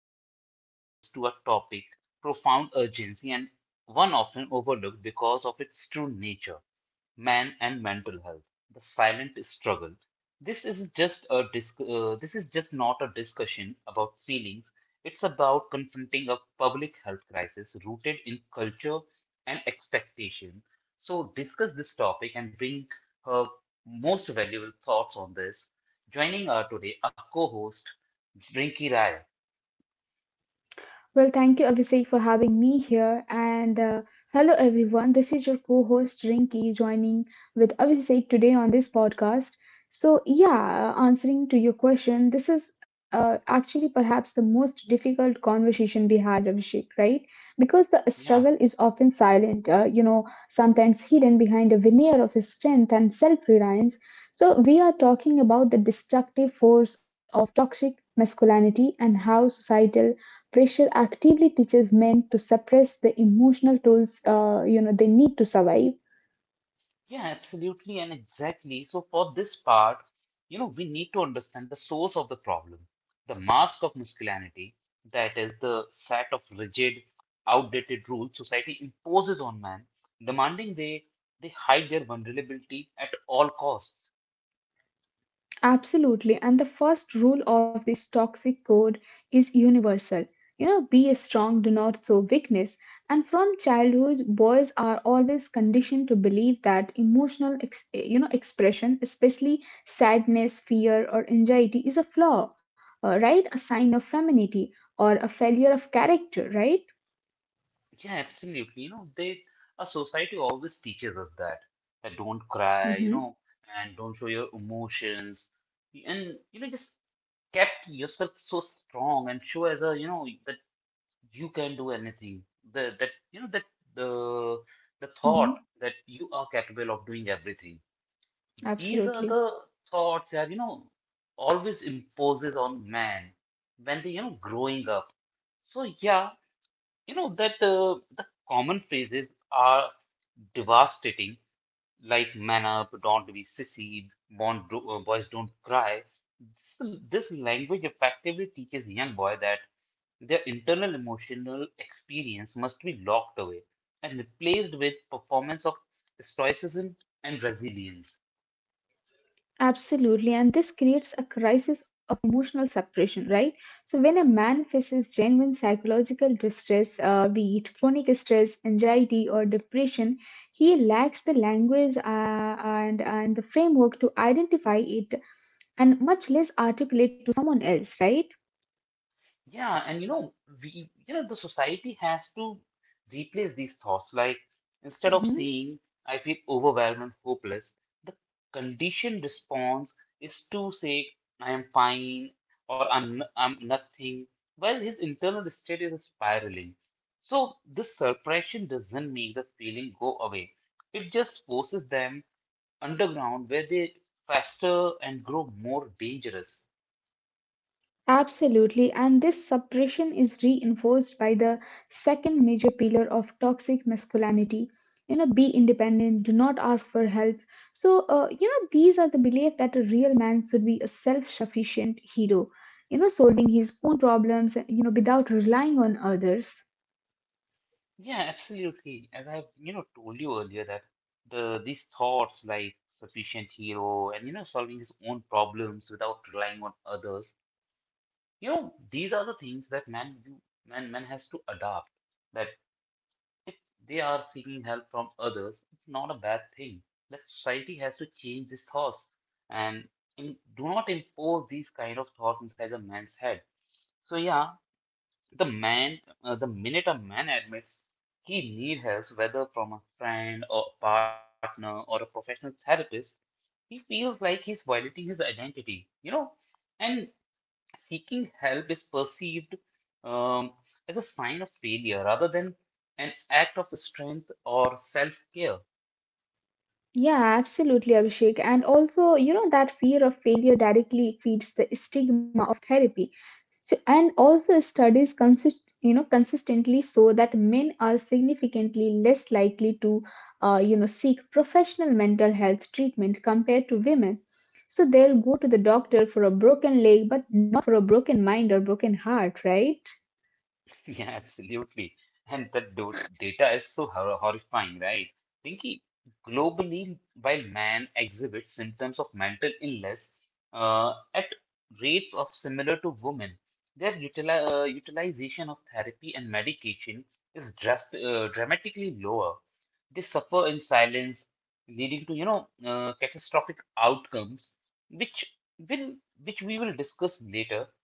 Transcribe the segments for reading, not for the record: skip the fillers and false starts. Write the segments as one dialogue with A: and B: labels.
A: Shift our focus to a topic profound urgency and one often overlooked because of its true nature, man and mental health, the silent struggle. This is just not a discussion about feelings. It's about confronting a public health crisis rooted in culture and expectation. So discuss this topic and bring her most valuable thoughts on this. Joining us today, a co-host, Rinky Rai.
B: Well, thank you, Abhishek, for having me here. And hello, everyone. This is your co host, Rinki, joining with Abhishek today on this podcast. Answering to your question, this is actually perhaps the most difficult conversation we had, Abhishek, right? Because the struggle
A: Yeah,
B: is often silent, you know, sometimes hidden behind a veneer of strength and self reliance. So, we are talking about the destructive force of toxic masculinity and how societal pressure actively teaches men to suppress the emotional tools you know they need to survive.
A: yeah, absolutely, and exactly. So for this part, we need to understand the source of the problem, the mask of masculinity, that is the set of rigid, outdated rules society imposes on men, demanding they hide their vulnerability at all costs.
B: Absolutely. And the first rule of this toxic code is universal. You know, be strong, do not show weakness. And from childhood, boys are always conditioned to believe that you know, expression, especially sadness, fear, or anxiety, is a flaw, right? A sign of femininity or a failure of character, right?
A: Yeah, absolutely. You know, they A society always teaches us that don't cry,
B: Mm-hmm,
A: and don't show your emotions, and just kept yourself so strong and show as a that you can do anything. The that you know that the the thought
B: mm-hmm,
A: that you are capable of doing everything. These are
B: absolutely.
A: the thoughts that always imposes on man when they growing up. So yeah, you know that the common phrases are devastating, like man up, don't be sissy, boys don't cry. This language effectively teaches young boy that their internal emotional experience must be locked away and replaced with performance of stoicism and resilience.
B: Absolutely, and this creates a crisis of emotional separation, right? So, when a man faces genuine psychological distress, be it chronic stress, anxiety, or depression, he lacks the language and the framework to identify it and much less articulate to someone else, right?
A: Yeah, and the society has to replace these thoughts. Like, instead of
B: Mhm.
A: saying, I feel overwhelmed and hopeless, the conditioned response is to say, I am fine or I'm nothing, while his internal state is spiraling. So, this suppression doesn't make the feeling go away, it just forces them underground where they fester and grow more dangerous.
B: Absolutely, and this suppression is reinforced by the second major pillar of toxic masculinity. You know, be independent, do not ask for help. So, you know, these are the belief that a real man should be a self sufficient hero, you know, solving his own problems, you know, without relying on others.
A: Yeah, absolutely. As I've told you earlier that these thoughts like sufficient hero and solving his own problems without relying on others, you know, these are the things that man do, man has to adapt. That if they are seeking help from others, it's not a bad thing. That society has to change these thoughts and do not impose these kind of thoughts inside the man's head. So yeah, the minute a man admits he needs help, whether from a friend or a partner or a professional therapist, he feels like he's violating his identity. And seeking help is perceived um, as a sign of failure rather than an act of strength or self-care.
B: Yeah, absolutely, Abhishek. And also, you know, that fear of failure directly feeds the stigma of therapy. And also, you know, consistently show that men are significantly less likely to, you know, seek professional mental health treatment compared to women. So they'll go to the doctor for a broken leg, but not for a broken mind or broken heart, right?
A: Yeah, absolutely. And the do data is so horrifying, right? Pinky, globally, while man exhibits symptoms of mental illness at rates of similar to women, their utilization of therapy and medication is just dramatically lower. They suffer in silence, leading to catastrophic outcomes, which will, which we will discuss later.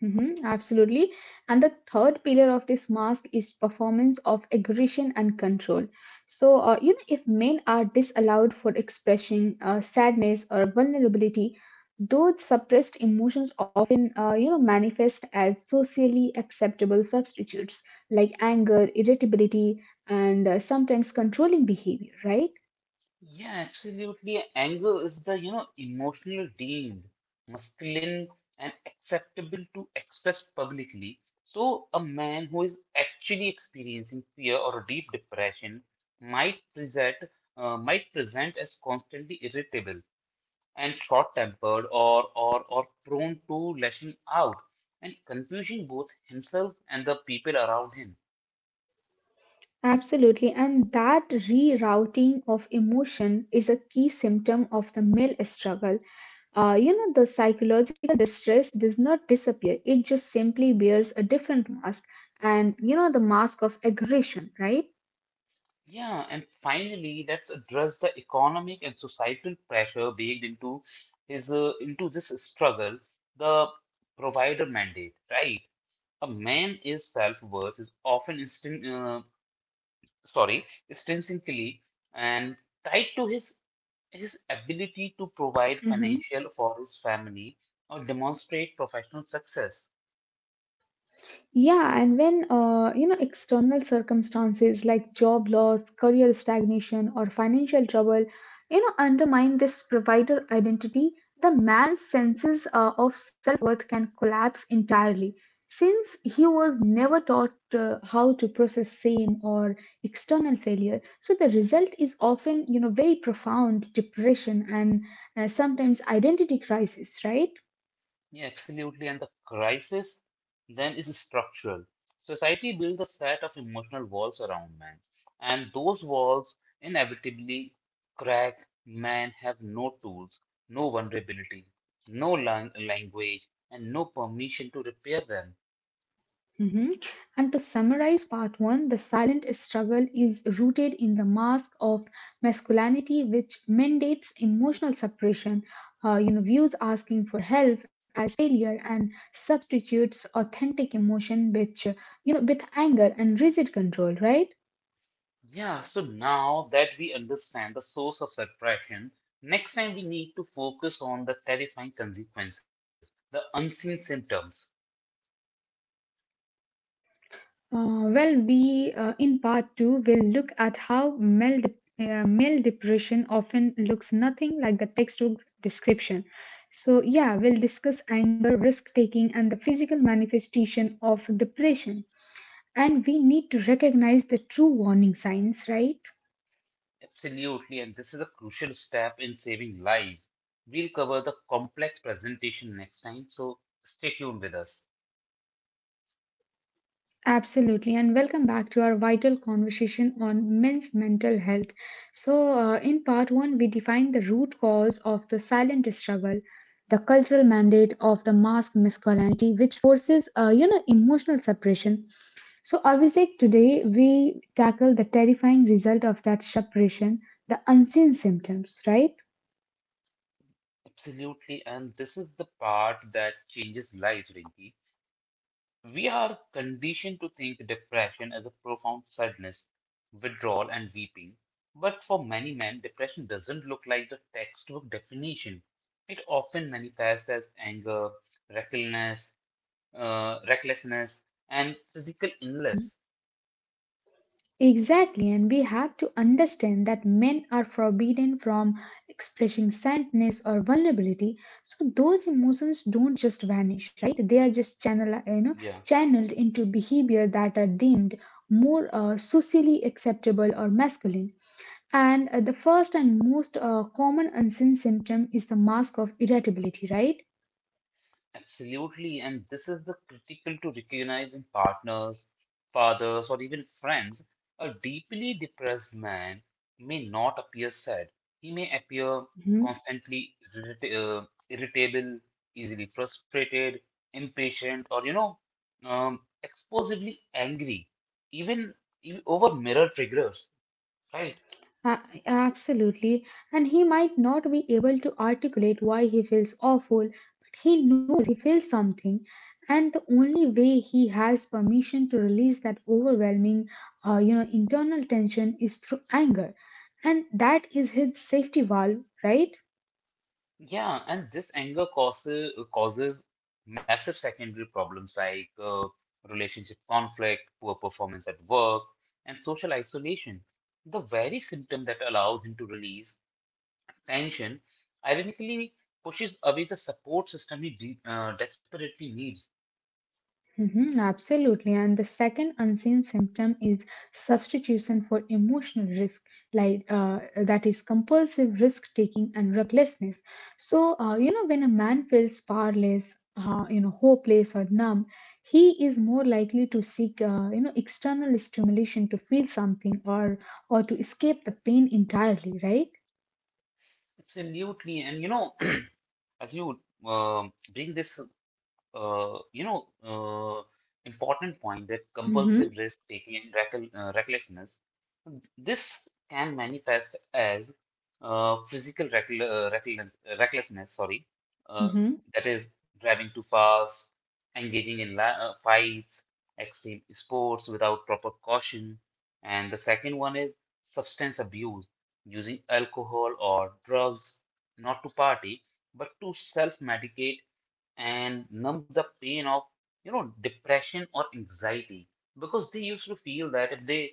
B: Hmm, absolutely. And the third pillar of this mask is performance of aggression and control. So, you know, if men are disallowed for expressing sadness or vulnerability, those suppressed emotions often, you know, manifest as socially acceptable substitutes like anger, irritability, and sometimes controlling behavior, right?
A: Yeah, absolutely. Anger is the emotional deemed masculine and acceptable to express publicly. So, a man who is actually experiencing fear or deep depression might present might present as constantly irritable and short-tempered or prone to lashing out and confusing both himself and the people around him.
B: Absolutely, and that rerouting of emotion is a key symptom of the male struggle. You know, the psychological distress does not disappear, it just simply bears a different mask, and you know, the mask of aggression, right?
A: Yeah, and finally, let's address the economic and societal pressure baked into this struggle, the provider mandate, right? A man is self-worth is often sorry, intrinsically and tied to his ability to provide
B: Mhm.
A: financial for his family or demonstrate professional success.
B: Yeah, and when you know external circumstances like job loss, career stagnation, or financial trouble, you know undermine this provider identity, the man's senses of self-worth can collapse entirely. Since he was never taught how to process shame or external failure, so the result is often you know very profound depression and sometimes identity crisis, right?
A: Yeah, absolutely. And the crisis then is structural. Society builds a set of emotional walls around men, and those walls inevitably crack. Men have no tools, no vulnerability, no language, and no permission to repair them.
B: Mhm. And to summarize part one, the silent struggle is rooted in the mask of masculinity, which mandates emotional separation, you know, views asking for help as failure and substitutes authentic emotion, which, you know, with anger and rigid control, right?
A: Yeah, so now that we understand the source of suppression, next
B: Mhm.
A: time we need to focus on the terrifying consequences, the unseen symptoms.
B: Well, we in part two will look at how male depression often looks nothing like the textbook description. So, yeah, we'll discuss anger, risk taking, and the physical manifestation of depression. And we need to recognize the true warning signs, right?
A: Absolutely, and this is a crucial step in saving lives. We'll cover the complex presentation next time, so stay tuned with us.
B: Absolutely, and welcome back to our vital conversation on men's mental health. So, in part one, we defined the root cause of the silent struggle, the cultural mandate of the masked masculinity, which forces, you know, emotional suppression. So, Abhishek, today we tackle the terrifying result of that suppression, the unseen symptoms, right?
A: Absolutely, and this is the part that changes lives, Rinki. We are conditioned to think depression as a profound sadness, withdrawal, and weeping. But for many men, depression doesn't look like the textbook definition. It often manifests as anger, recklessness, recklessness, and physical illness.
B: Exactly, and we have to understand that men are forbidden from expressing sadness or vulnerability. So those emotions don't just vanish, right? They are just channel, you know,
A: Yeah.
B: channeled into behavior that are deemed more socially acceptable or masculine. And the first and most common unseen symptom is the mask of irritability, right?
A: Absolutely, and this is the critical to recognize in partners, fathers, or even friends. A deeply depressed man may not appear sad. He may appear
B: Mhm.
A: constantly irritable, easily frustrated, impatient, or explosively angry, even, even over mirror triggers, right?
B: Uh, Absolutely. And he might not be able to articulate why he feels awful, but he knows he feels something. And the only way he has permission to release that overwhelming, you know, internal tension is through anger. And that is his safety valve, right?
A: Yeah, and this anger causes massive secondary problems like relationship conflict, poor performance at work, and social isolation. The very symptom that allows him to release tension, ironically pushes away the support system he de desperately needs.
B: Mhm, absolutely. And the second unseen symptom is substitution for emotional risk, that is compulsive risk taking and recklessness. So, you know, when a man feels powerless, you know, hopeless or numb, he is more likely to seek, you know, external stimulation to feel something or to escape the pain entirely. Right?
A: Absolutely. And as you bring this, uh, you know, uh, important point that compulsive
B: Mm-hmm.
A: risk taking and reckel recklessness, this can manifest as physical recklessness, uh,
B: Mm-hmm.
A: that is driving too fast, engaging in la fights, extreme sports without proper caution. And the second one is substance abuse using alcohol or drugs not to party, but to self-medicate and numb the pain of depression anxiety. Because they used to feel that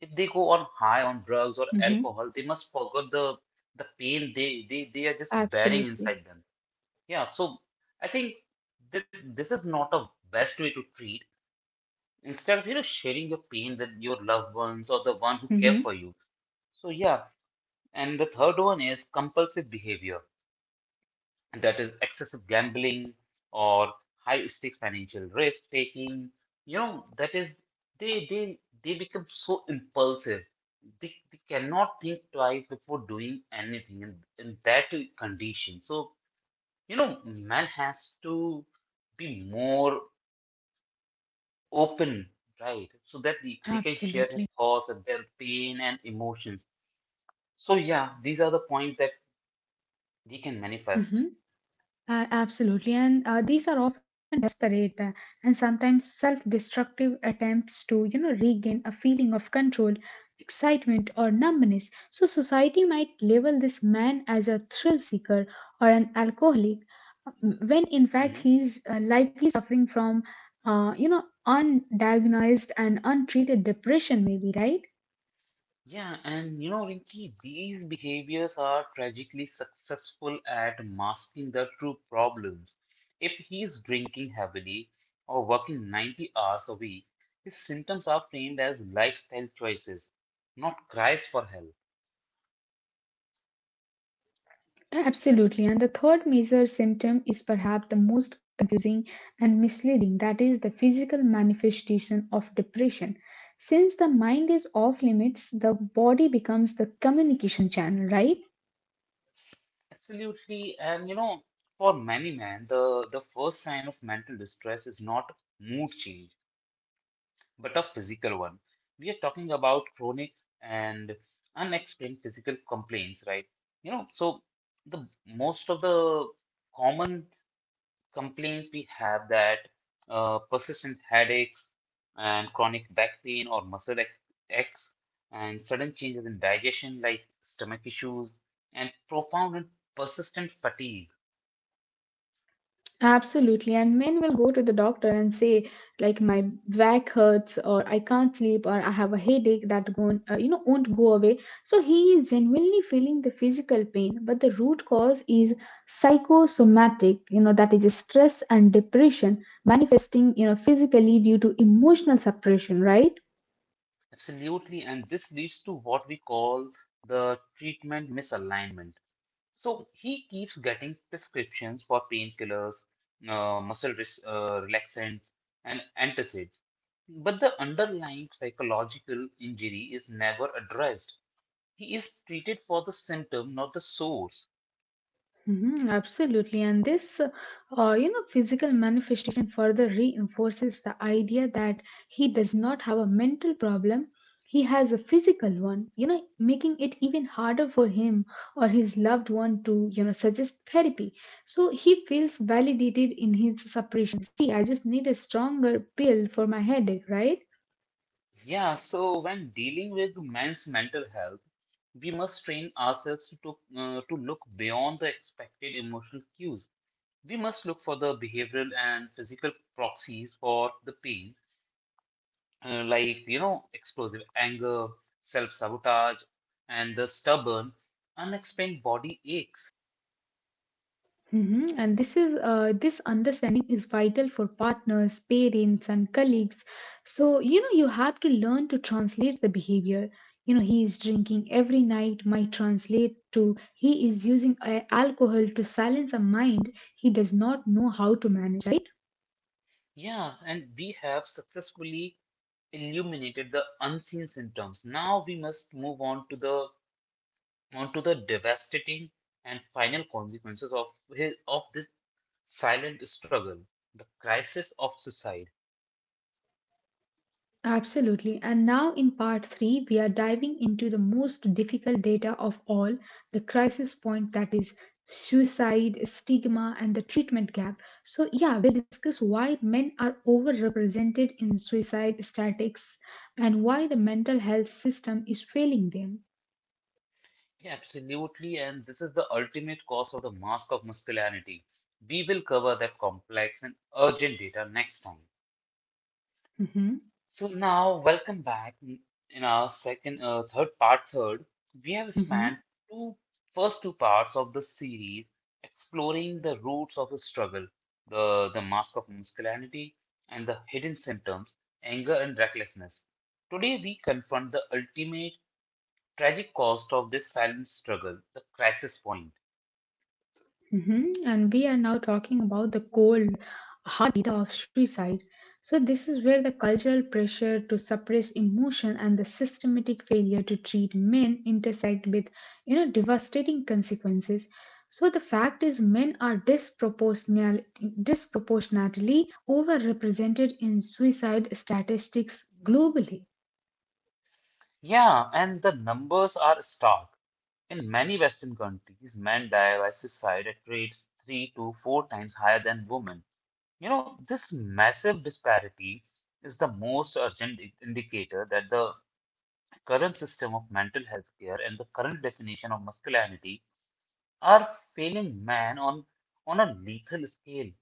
A: if they go on high on drugs or
B: Mm-hmm.
A: alcohol, they must forget the pain they are just bearing inside
B: Absolutely.
A: them. Yeah, so I think that this is not a best way to treat. Instead of sharing your pain with your loved ones or the one who care
B: Mm-hmm.
A: for you. So yeah, and the third one is compulsive behavior, that is excessive gambling or high stakes financial risk taking. That is they they they become so impulsive. They cannot think twice before doing anything in that condition. So, man has to be more open, right? So that they can share their
B: Absolutely.
A: thoughts and their pain and emotions. So yeah, these are the points that they can manifest.
B: Mm-hmm. Absolutely, and these are often desperate and sometimes self-destructive attempts to, you know, regain a feeling of control, excitement, or numbness. So society might label this man as a thrill seeker or an alcoholic, when in fact
A: Mm-hmm.
B: he's likely suffering from, you know, undiagnosed and untreated depression, maybe, right?
A: Yeah, and Rinki, these behaviors are tragically successful at masking the true problems. If he's drinking heavily or working 90 hours a week, his symptoms are framed as lifestyle choices, not cries for help.
B: Absolutely. And the third major symptom is perhaps the most confusing and misleading that is, the physical manifestation of depression. Since the mind is off limits, the body becomes the communication channel, right?
A: Absolutely, and for many men, the first sign of mental distress is not mood change, but a physical one. We are talking about chronic and unexplained physical complaints, right? So the most of the common complaints we have that persistent headaches and chronic back pain or muscle aches and sudden changes in digestion like stomach issues and profound and persistent fatigue.
B: Absolutely. And men will go to the doctor and say, like, my back hurts, or I can't sleep, or I have a headache that you know, won't go away. So he is genuinely feeling the physical pain, but the root cause is psychosomatic, you know, that is stress and depression manifesting, you know, physically due to emotional suppression, right?
A: Absolutely, and this leads to what we call the treatment misalignment. So he keeps getting prescriptions for painkillers, muscle relaxants, and antacids. But the underlying psychological injury is never addressed. He is treated for the symptom, not the source.
B: Mhm, absolutely, and this, you know, physical manifestation further reinforces the idea that he does not have a mental problem; he has a physical one. You know, making it even harder for him or his loved one to, you know, suggest therapy. So he feels validated in his separation. See, I just need a stronger pill for my headache, right?
A: Yeah, so when dealing with men's mental health, we must train ourselves to look beyond the expected emotional cues. We must look for the behavioral and physical proxies for the pain, like explosive anger, self-sabotage, and the stubborn unexplained body aches.
B: Mhm. And this understanding is vital for partners, parents, and colleagues. So you know you have to learn to translate the behavior. You know he is drinking every night might translate to he is using alcohol to silence a mind he does not know how to manage. Right?
A: Yeah, and we have successfully illuminated the unseen symptoms. Now we must move on to the devastating and final consequences of this silent struggle, the crisis of suicide.
B: Absolutely. And now in part three, we are diving into the most difficult data of all the crisis point that is suicide, stigma, and the treatment gap. So, yeah, we'll discuss why men are overrepresented in suicide statistics and why the mental health system is failing them.
A: Yeah, absolutely, and this is the ultimate cause of the mask of masculinity. We will cover that complex and urgent data next time.
B: Mhm.
A: So now, welcome back. In our third part, we have
B: Mhm.
A: spent two first two parts of the series exploring the roots of a struggle, the mask of masculinity, and hidden symptoms, anger and recklessness. Today, we confront the ultimate tragic cost of this silent struggle, the crisis point.
B: Mhm. And we are now talking about the cold, hard data of suicide. So, this is where the cultural pressure to suppress emotion and the systematic failure to treat men intersect with, you know, devastating consequences. So, the fact is, men are disproportionately overrepresented in suicide statistics globally.
A: Yeah, and the numbers are stark. In many Western countries, men die by suicide at rates three to four times higher than women. This massive disparity is the most urgent indicator that the current system of mental health care and the current definition of masculinity are failing man on a lethal scale.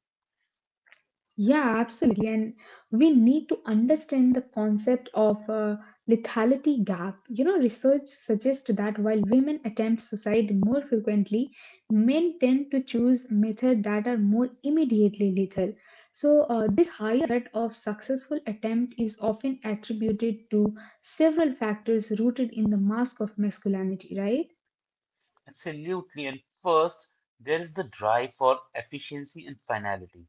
B: Yeah, absolutely. And we need to understand the concept of a lethality gap. You know, research suggests that while women attempt suicide more frequently, men tend to choose methods that are more immediately lethal. So, this higher rate of successful attempt is often attributed to several factors rooted in the mask of masculinity, right?
A: Absolutely. And first, there is the drive for efficiency and finality.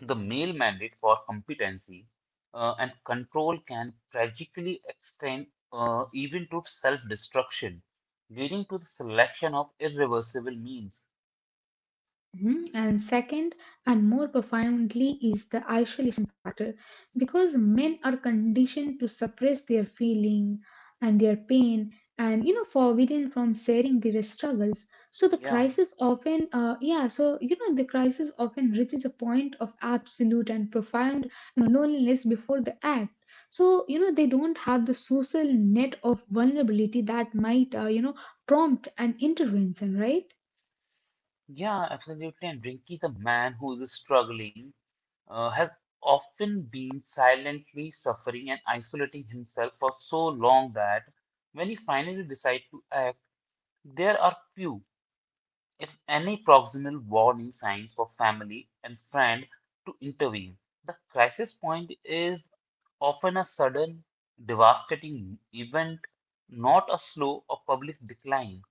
A: The male mandate for competency and control can tragically extend even to self destruction, leading to the selection of irreversible means.
B: Mhm. And second, and more profoundly, is the isolation factor because men are conditioned to suppress their feeling and their pain and you know forbidden from sharing their struggles so the
A: Yeah,
B: crisis often yeah so you know the crisis often reaches a point of absolute and profound loneliness before the act so you know they don't have the social net of vulnerability that might you know prompt an intervention, right?
A: yeah, absolutely. And Rinki, the man who is struggling, has often been silently suffering and isolating himself for so long that when he finally decides to act, there are few, if any, proximal warning signs for family and friend to intervene. The crisis point is often a sudden, devastating event, not a slow or public decline.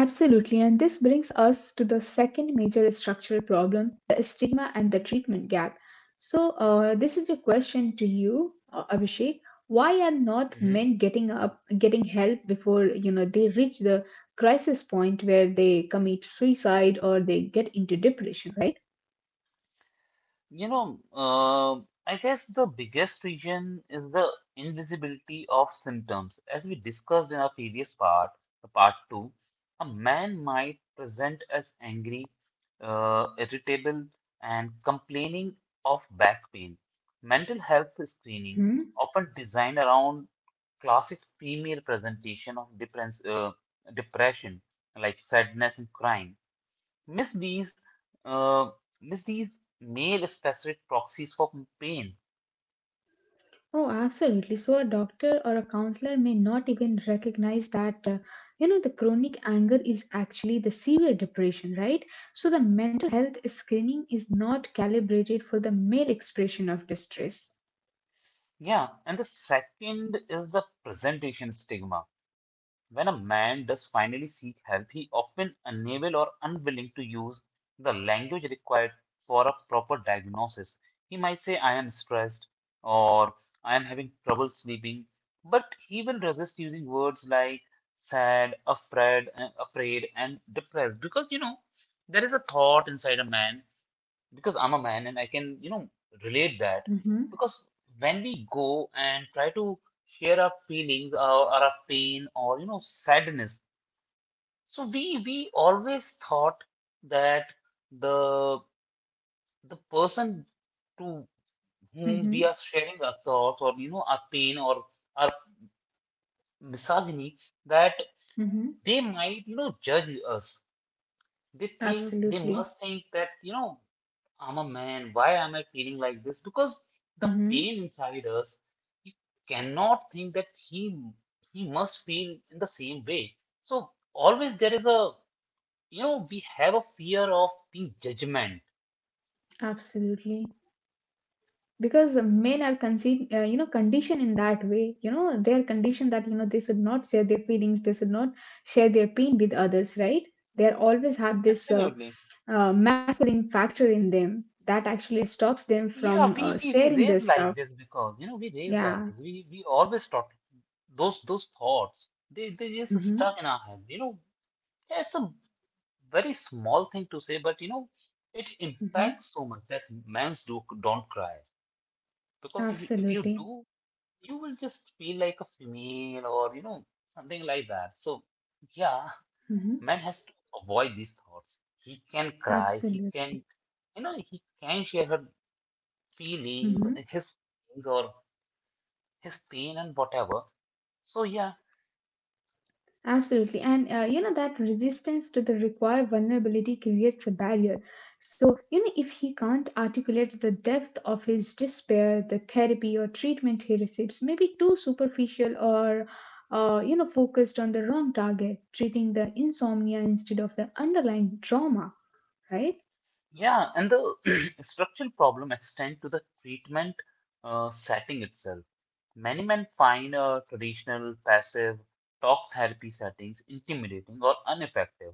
B: Absolutely, and this brings us to the second major structural problem, the stigma and the treatment gap. So, this is a question to you, Abhishek. Why are not
A: Mhm.
B: men getting help before you know they reach the crisis point where they commit suicide or they get into depression? Right?
A: You know, uh, I guess the biggest reason is the invisibility of symptoms. As we discussed in our previous part, the part two, a man might present as angry, irritable, and complaining of back pain. Mental health screening,
B: Mhm.
A: often designed around classic female presentation of depression, like sadness and crying miss these uh, miss these male specific proxies for pain.
B: Oh, absolutely. So a doctor or a counselor may not even recognize that, you know, the chronic anger is actually the severe depression, right? So the mental health screening is not calibrated for the male expression of distress.
A: Yeah, and the second is the presentation stigma. When a man does finally seek help, he often unable or unwilling to use the language required for a proper diagnosis. He might say, "I am stressed," or "I am having trouble sleeping," but he will resist using words like sad, afraid, afraid, and depressed, because you know there is a thought inside a man, because I'm a man and I can, you know, relate that.
B: Mm-hmm.
A: Because when we go and try to share our feelings or our pain or, you know, sadness, so we always thought that the the person to whom we
B: Mm-hmm.
A: are sharing our thoughts or, you know, our pain or our misogyny, that
B: Mm-hmm.
A: they might, you know, judge us. They think they
B: Absolutely.
A: must think that, you know, I'm a man. Why am I feeling like this? Because the
B: Mm-hmm.
A: pain inside us, you cannot think that he must feel in the same way. So always there is a, you know, we have a fear of being judgment.
B: Absolutely. Because men are conceived you know conditioned in that way, you know they are conditioned that you know they should not share their feelings, they should not share their pain with others, right? They are always have this
A: Absolutely.
B: masculine factor in them that actually stops them from
A: Yeah, we we we
B: sharing
A: raise
B: their
A: like
B: stuff.
A: this, because you know we raise like
B: Yeah.
A: this. We always protect those thoughts. They just
B: Hmm.
A: stuck in our head. You know, yeah, it's a very small thing to say, but you know it
B: Hmm.
A: impacts so much that men do don't cry. Because if you
B: Absolutely.
A: do, you will just feel like a female or, you know, something like that. So, yeah,
B: Hmm.
A: man has to avoid these thoughts. He can cry, he
B: Absolutely.
A: can, you know, he can share her feeling,
B: Hmm.
A: his feelings or his pain and whatever. So, yeah,
B: Absolutely, and you know that resistance to the required vulnerability creates a barrier. So you know if he can't articulate the depth of his despair the therapy or treatment he receives may be too superficial or you know focused on the wrong target, treating the insomnia instead of the underlying trauma, right?
A: yeah, and the structural problem extend to the treatment setting itself. Many men find traditional passive talk therapy settings intimidating or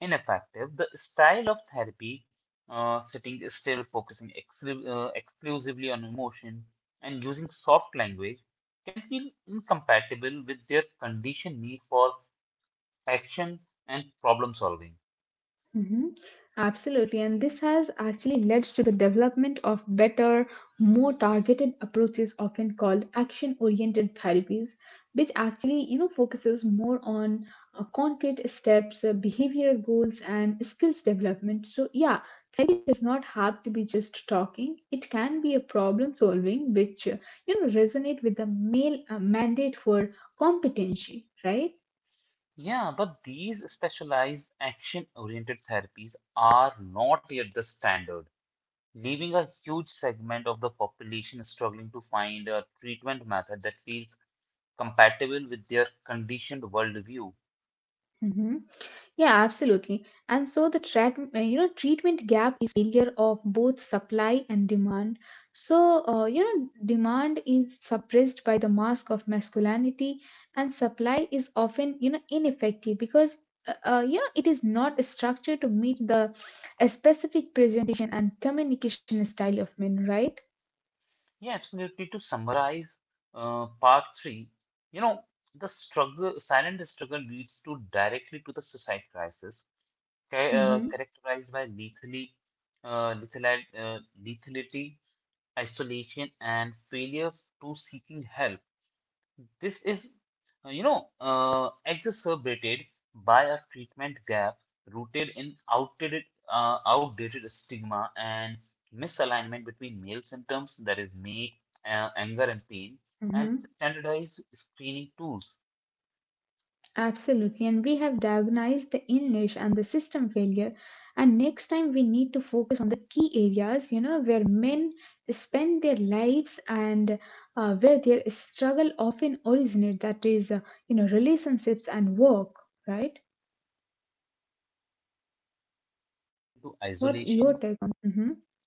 A: ineffective. The style of therapy, sitting still, focusing exclusively on emotion, and using soft language, can feel incompatible with their conditioned need for action and problem solving.
B: Mhm. Absolutely, and this has actually led to the development of better, more targeted approaches, often called action-oriented therapies, which actually focuses more on concrete steps, behavioral goals, and skills development. So yeah, it does not have to be just talking. It can be a problem solving, which resonate with the male mandate for competency, right?
A: Yeah, but these specialized action oriented therapies are not yet the standard, leaving a huge segment of the population struggling to find a treatment method that feels compatible with their conditioned worldview.
B: Mhm. Yeah, absolutely. And so the treatment gap is failure of both supply and demand. So, demand is suppressed by the mask of masculinity, and supply is often, ineffective because, it is not structured to meet the a specific presentation and communication style of men, right?
A: Yeah, absolutely. To summarize, part three, you know, the struggle, silent struggle leads to directly to the suicide crisis,
B: Mm-hmm.
A: characterized by uh, lethal, lethality, isolation, and failure to seeking help. This is, you know, exacerbated by a treatment gap rooted in outdated stigma and misalignment between male symptoms, that is, anger, and pain,
B: Mm-hmm.
A: and standardized screening tools
B: Absolutely, and we have diagnosed the English and the system failure. And next time we need to focus on the key areas, you know, where men spend their lives and where their struggle often originate. That is, relationships and work, right?
A: to
B: What's
A: isolation.
B: your take on that?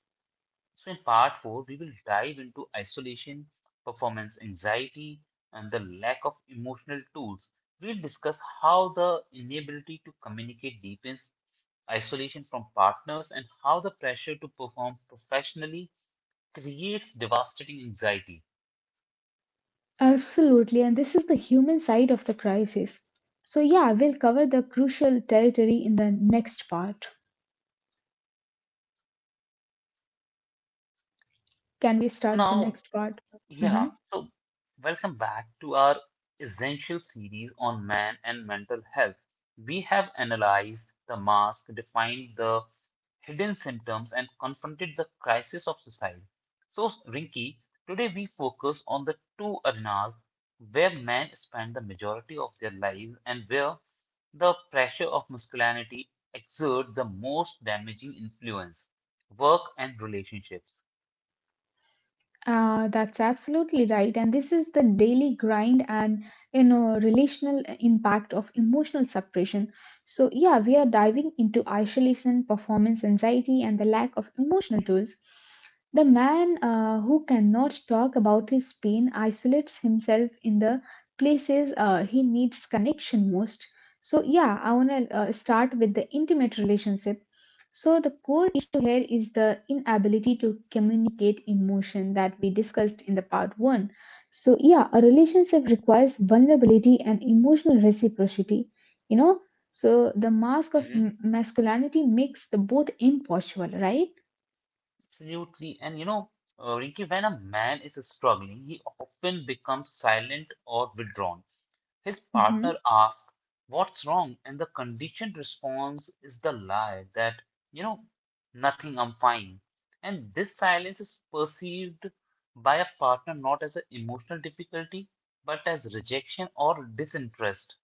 A: So, in part four, we will dive into isolation, performance anxiety, and the lack of emotional tools. We'll discuss how the inability to communicate deepens isolation from partners, and how the pressure to perform professionally creates devastating anxiety.
B: Absolutely, and this is the human side of the crisis. So yeah, we'll cover the crucial territory in the next part. Can we start the
A: Now,
B: next part?
A: yeah,
B: Mhm.
A: so welcome back to our essential series on man and mental health. We have analyzed the mask, defined the hidden symptoms, and confronted the crisis of society. So, Rinki, today we focus on the two arenas where men spend the majority of their lives and where the pressure of masculinity exerts the most damaging influence work and relationships.
B: That's absolutely right. And this is the daily grind and relational impact of emotional separation. So yeah, we are diving into isolation, performance anxiety, and the lack of emotional tools. The man who cannot talk about his pain isolates himself in the places he needs connection most. So yeah, I wanna start with the intimate relationship. So, the core issue here is the inability to communicate emotion that we discussed in the part one. So, yeah, a relationship requires vulnerability and emotional reciprocity, you know. So, the mask of masculinity makes the both impossible, right?
A: Absolutely. And you know, Ricky, when a man is struggling, he often becomes silent or withdrawn. His partner
B: hmm
A: asks, "What's wrong?" And the conditioned response is the lie that, you know, nothing, I'm fine. And this silence is perceived by a partner not as an emotional difficulty, but as rejection or disinterest.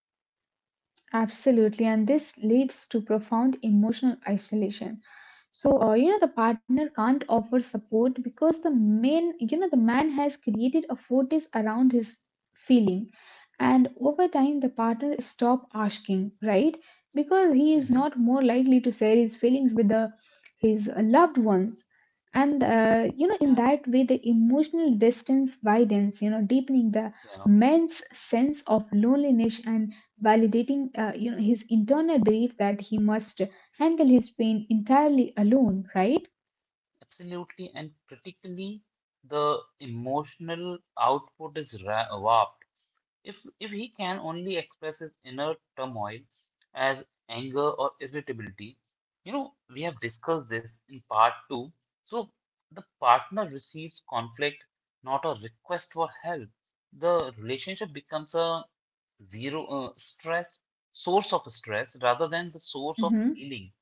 B: Absolutely. And this leads to profound emotional isolation. So, the partner can't offer support because the man has created a fortress around his feeling. And over time, the partner stop asking, right? Because he is
A: Hmm.
B: not more likely to share his feelings with his loved ones. And,
A: Yeah,
B: in that way, the emotional distance widens, you know, deepening the
A: yeah.
B: man's sense of loneliness and validating, his internal belief that he must handle his pain entirely alone, right?
A: Absolutely, and critically, the emotional output is warped. If he can only express his inner turmoil as anger or irritability, you know, we have discussed this in part two. So the partner receives conflict, not a request for help. The relationship becomes a zero stress source of stress rather than the source of
B: Mm-hmm.
A: healing.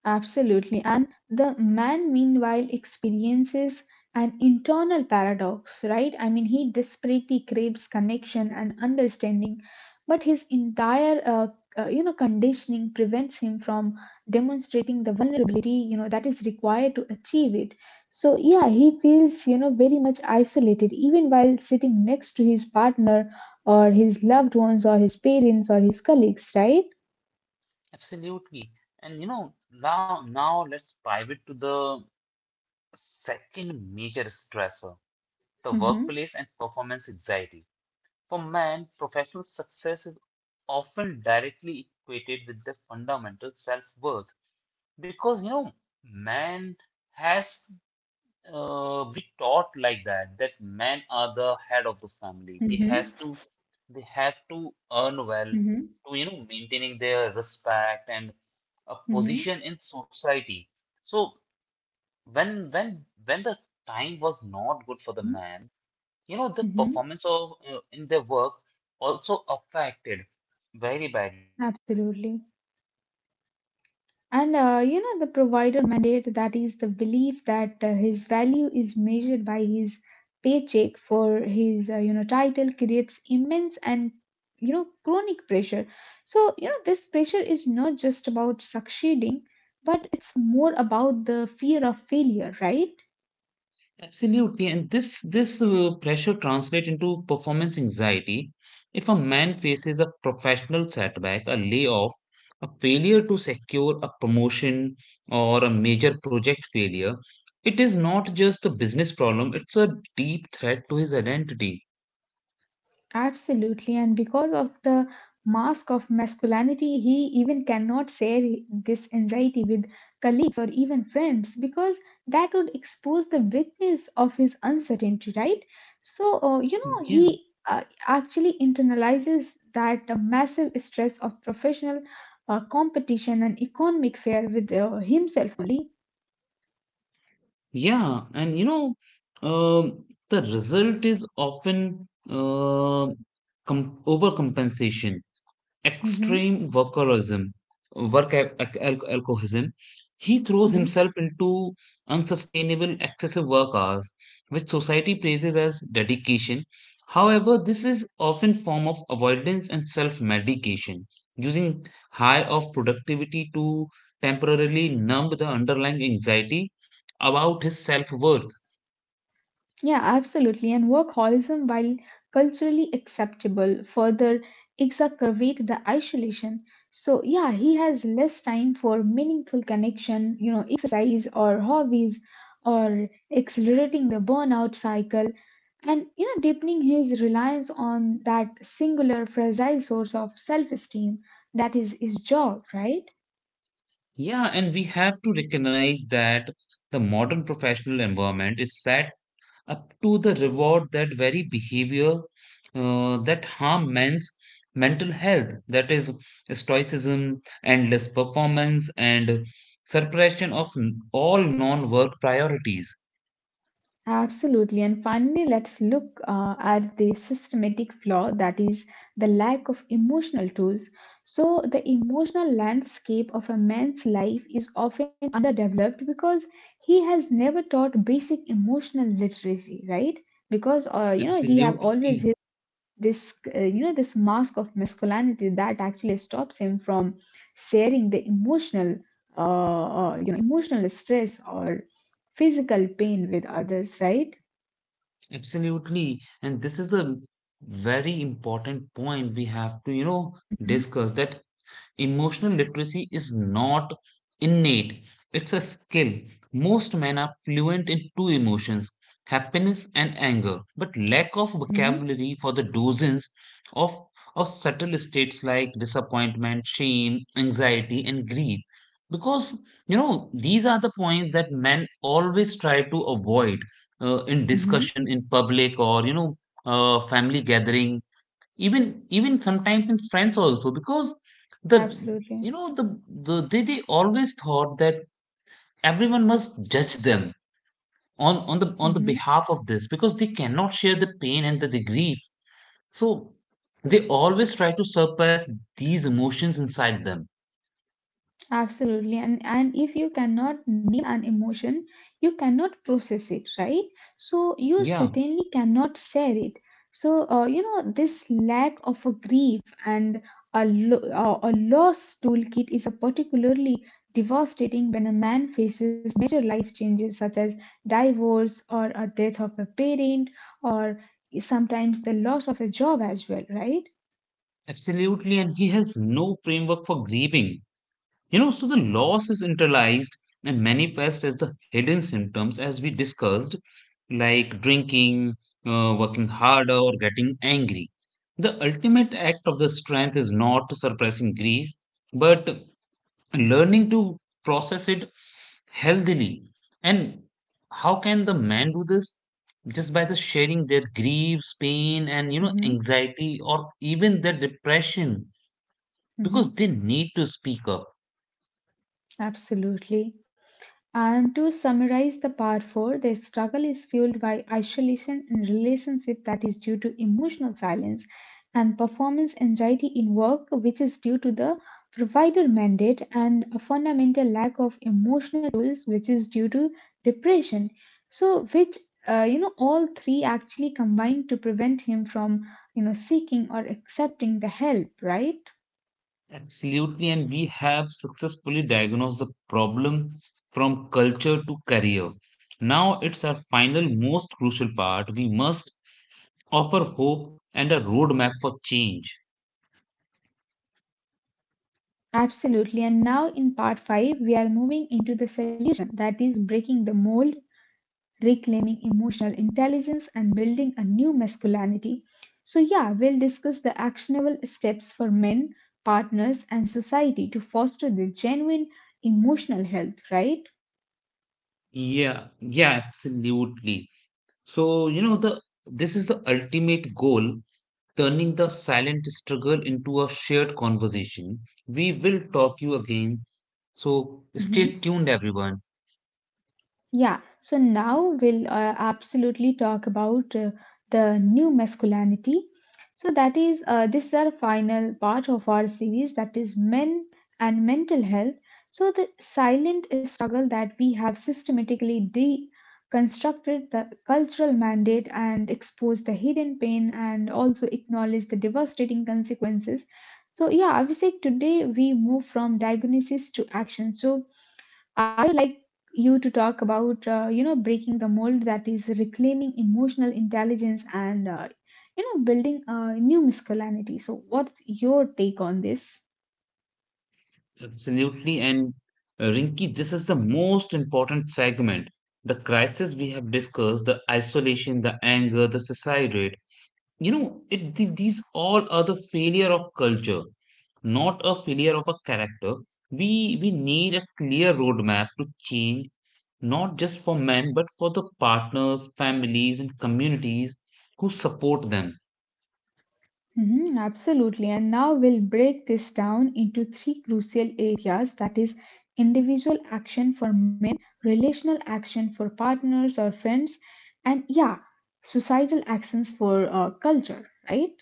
B: Absolutely. And the man, meanwhile, experiences an internal paradox, right? I mean, he desperately craves connection and understanding, but his entire conditioning prevents him from demonstrating the vulnerability, you know, that is required to achieve it. So, yeah, he feels, you know, very much isolated, even while sitting next to his partner or his loved ones or his parents or his colleagues, right?
A: Absolutely. And you know, now let's pivot to the second major stressor, the
B: Mm-hmm,
A: workplace and performance anxiety. For men, professional success is often directly equated with their fundamental self-worth, because you know, man has we taught like that, that men are the head of the family, they
B: mm-hmm,
A: has to, they have to earn well
B: mm-hmm,
A: to, you know, maintaining their respect and a
B: mm-hmm.
A: position in society. So when the time was not good for the man, you know, the
B: hmm
A: performance of in their work also affected very badly.
B: Absolutely. And the provider mandate that is the belief that his value is measured by his paycheck for his, title creates immense and, you know, chronic pressure. So, you know, this pressure is not just about succeeding, but it's more about the fear of failure, right?
A: Absolutely, and this pressure translates into performance anxiety. If a man faces a professional setback, a layoff, a failure to secure a promotion, or a major project failure, it is not just a business problem, it's a deep threat to his identity.
B: Absolutely, and because of the mask of masculinity, he even cannot share this anxiety with colleagues or even friends because that would expose the weakness of his uncertainty, right? So,
A: Yeah,
B: he actually internalizes that massive stress of professional competition and economic fear with himself only.
A: yeah, and you know, the result is often overcompensation.
B: Mhm.
A: Extreme workaholism, work al- alcoholism. He throws himself into unsustainable, excessive work hours, which society praises as dedication. However, this is often form of avoidance and self-medication, using high of productivity to temporarily numb the underlying anxiety about his self-worth.
B: Yeah, absolutely. And workaholism, while culturally acceptable, further exacerbate the isolation. So yeah, he has less time for meaningful connection, you know, exercise or hobbies or accelerating the burnout cycle and deepening his reliance on that singular fragile source of self-esteem that is his job, right?
A: Yeah, and we have to recognize that the modern professional environment is set up to the reward that very behavior that harm men's mental health, that is stoicism, endless performance, and suppression of all non-work priorities.
B: Absolutely. And finally, let's look at the systematic flaw that is the lack of emotional tools. So, the emotional landscape of a man's life is often underdeveloped because he has never taught basic emotional literacy, right? Because, he have
A: Absolutely.
B: always his, this, you know, this mask of masculinity that actually stops him from sharing the uh, emotional stress or physical pain with others, right?
A: Absolutely. And this is the very important point we have to, you know,
B: Mm-hmm,
A: discuss, that emotional literacy is not innate, it's a skill. Most men are fluent in two emotions, happiness and anger, but lack of
B: mm-hmm,
A: vocabulary for the dozens of, of subtle states like disappointment, shame, anxiety, and grief. Because, you know, these are the points that men always try to avoid in
B: mm-hmm.
A: discussion in public, or you know, family gathering, even sometimes in friends also, because the, you
B: Absolutely.
A: know the, they always thought that everyone must judge them on on the
B: Mm-hmm.
A: behalf of this, because they cannot share the pain and the grief. So they always try to surpass these emotions inside them.
B: Absolutely. And if you cannot name an emotion, you cannot process it, right? So you
A: Yeah,
B: certainly cannot share it. So this lack of a grief and a loss toolkit is a particularly devastating when a man faces major life changes such as divorce or a death of a parent or sometimes the loss of a job as well, right?
A: absolutely, and he has no framework for grieving. You know, so the loss is internalized and manifest as the hidden symptoms, as we discussed, like drinking, working harder, or getting angry. The ultimate act of the strength is not suppressing grief, but learning to process it healthily. And how can the man do this? Just by the sharing their griefs, pain, and you know,
B: Mm-hmm.
A: anxiety, or even their depression, because
B: Mm-hmm.
A: they need to speak up.
B: Absolutely. And to summarize the part 4, their struggle is fueled by isolation in relationship that is due to emotional silence and performance anxiety in work which is due to the provider mandate and a fundamental lack of emotional tools which is due to depression. So which all three actually combine to prevent him from seeking or accepting the help, right?
A: Absolutely, and we have successfully diagnosed the problem from culture to career. Now it's our final, most crucial part. We must offer hope and a roadmap for change.
B: Absolutely. And now in part five, we are moving into the solution that is breaking the mold, reclaiming emotional intelligence, and building a new masculinity. So, yeah, we'll discuss the actionable steps for men, partners, and society to foster the genuine emotional health, right?
A: Yeah, yeah, absolutely. So, you know, the this is the ultimate goal, turning the silent struggle into a shared conversation. We will talk you again. So
B: Mhm.
A: stay tuned, everyone.
B: Yeah, so now we'll absolutely talk about the new masculinity. So that is this is our final part of our series that is men and mental health. So the silent struggle that we have systematically deconstructed the cultural mandate and exposed the hidden pain and also acknowledged the devastating consequences. So yeah, Abhishek, today we move from diagnosis to action. So I would like you to talk about breaking the mold that is reclaiming emotional intelligence and building a new masculinity. So what's your take on this?
A: Absolutely. And Rinki, this is the most important segment. The crisis we have discussed, the isolation, the anger, the suicide rate. You know, it, these all are the failure of culture, not a failure of a character. We need a clear roadmap to change, not just for men, but for the partners, families, and communities who support them.
B: Mhm, absolutely. And now we'll break this down into three crucial areas that is individual action for men, relational action for partners or friends, and yeah, societal actions for culture, right?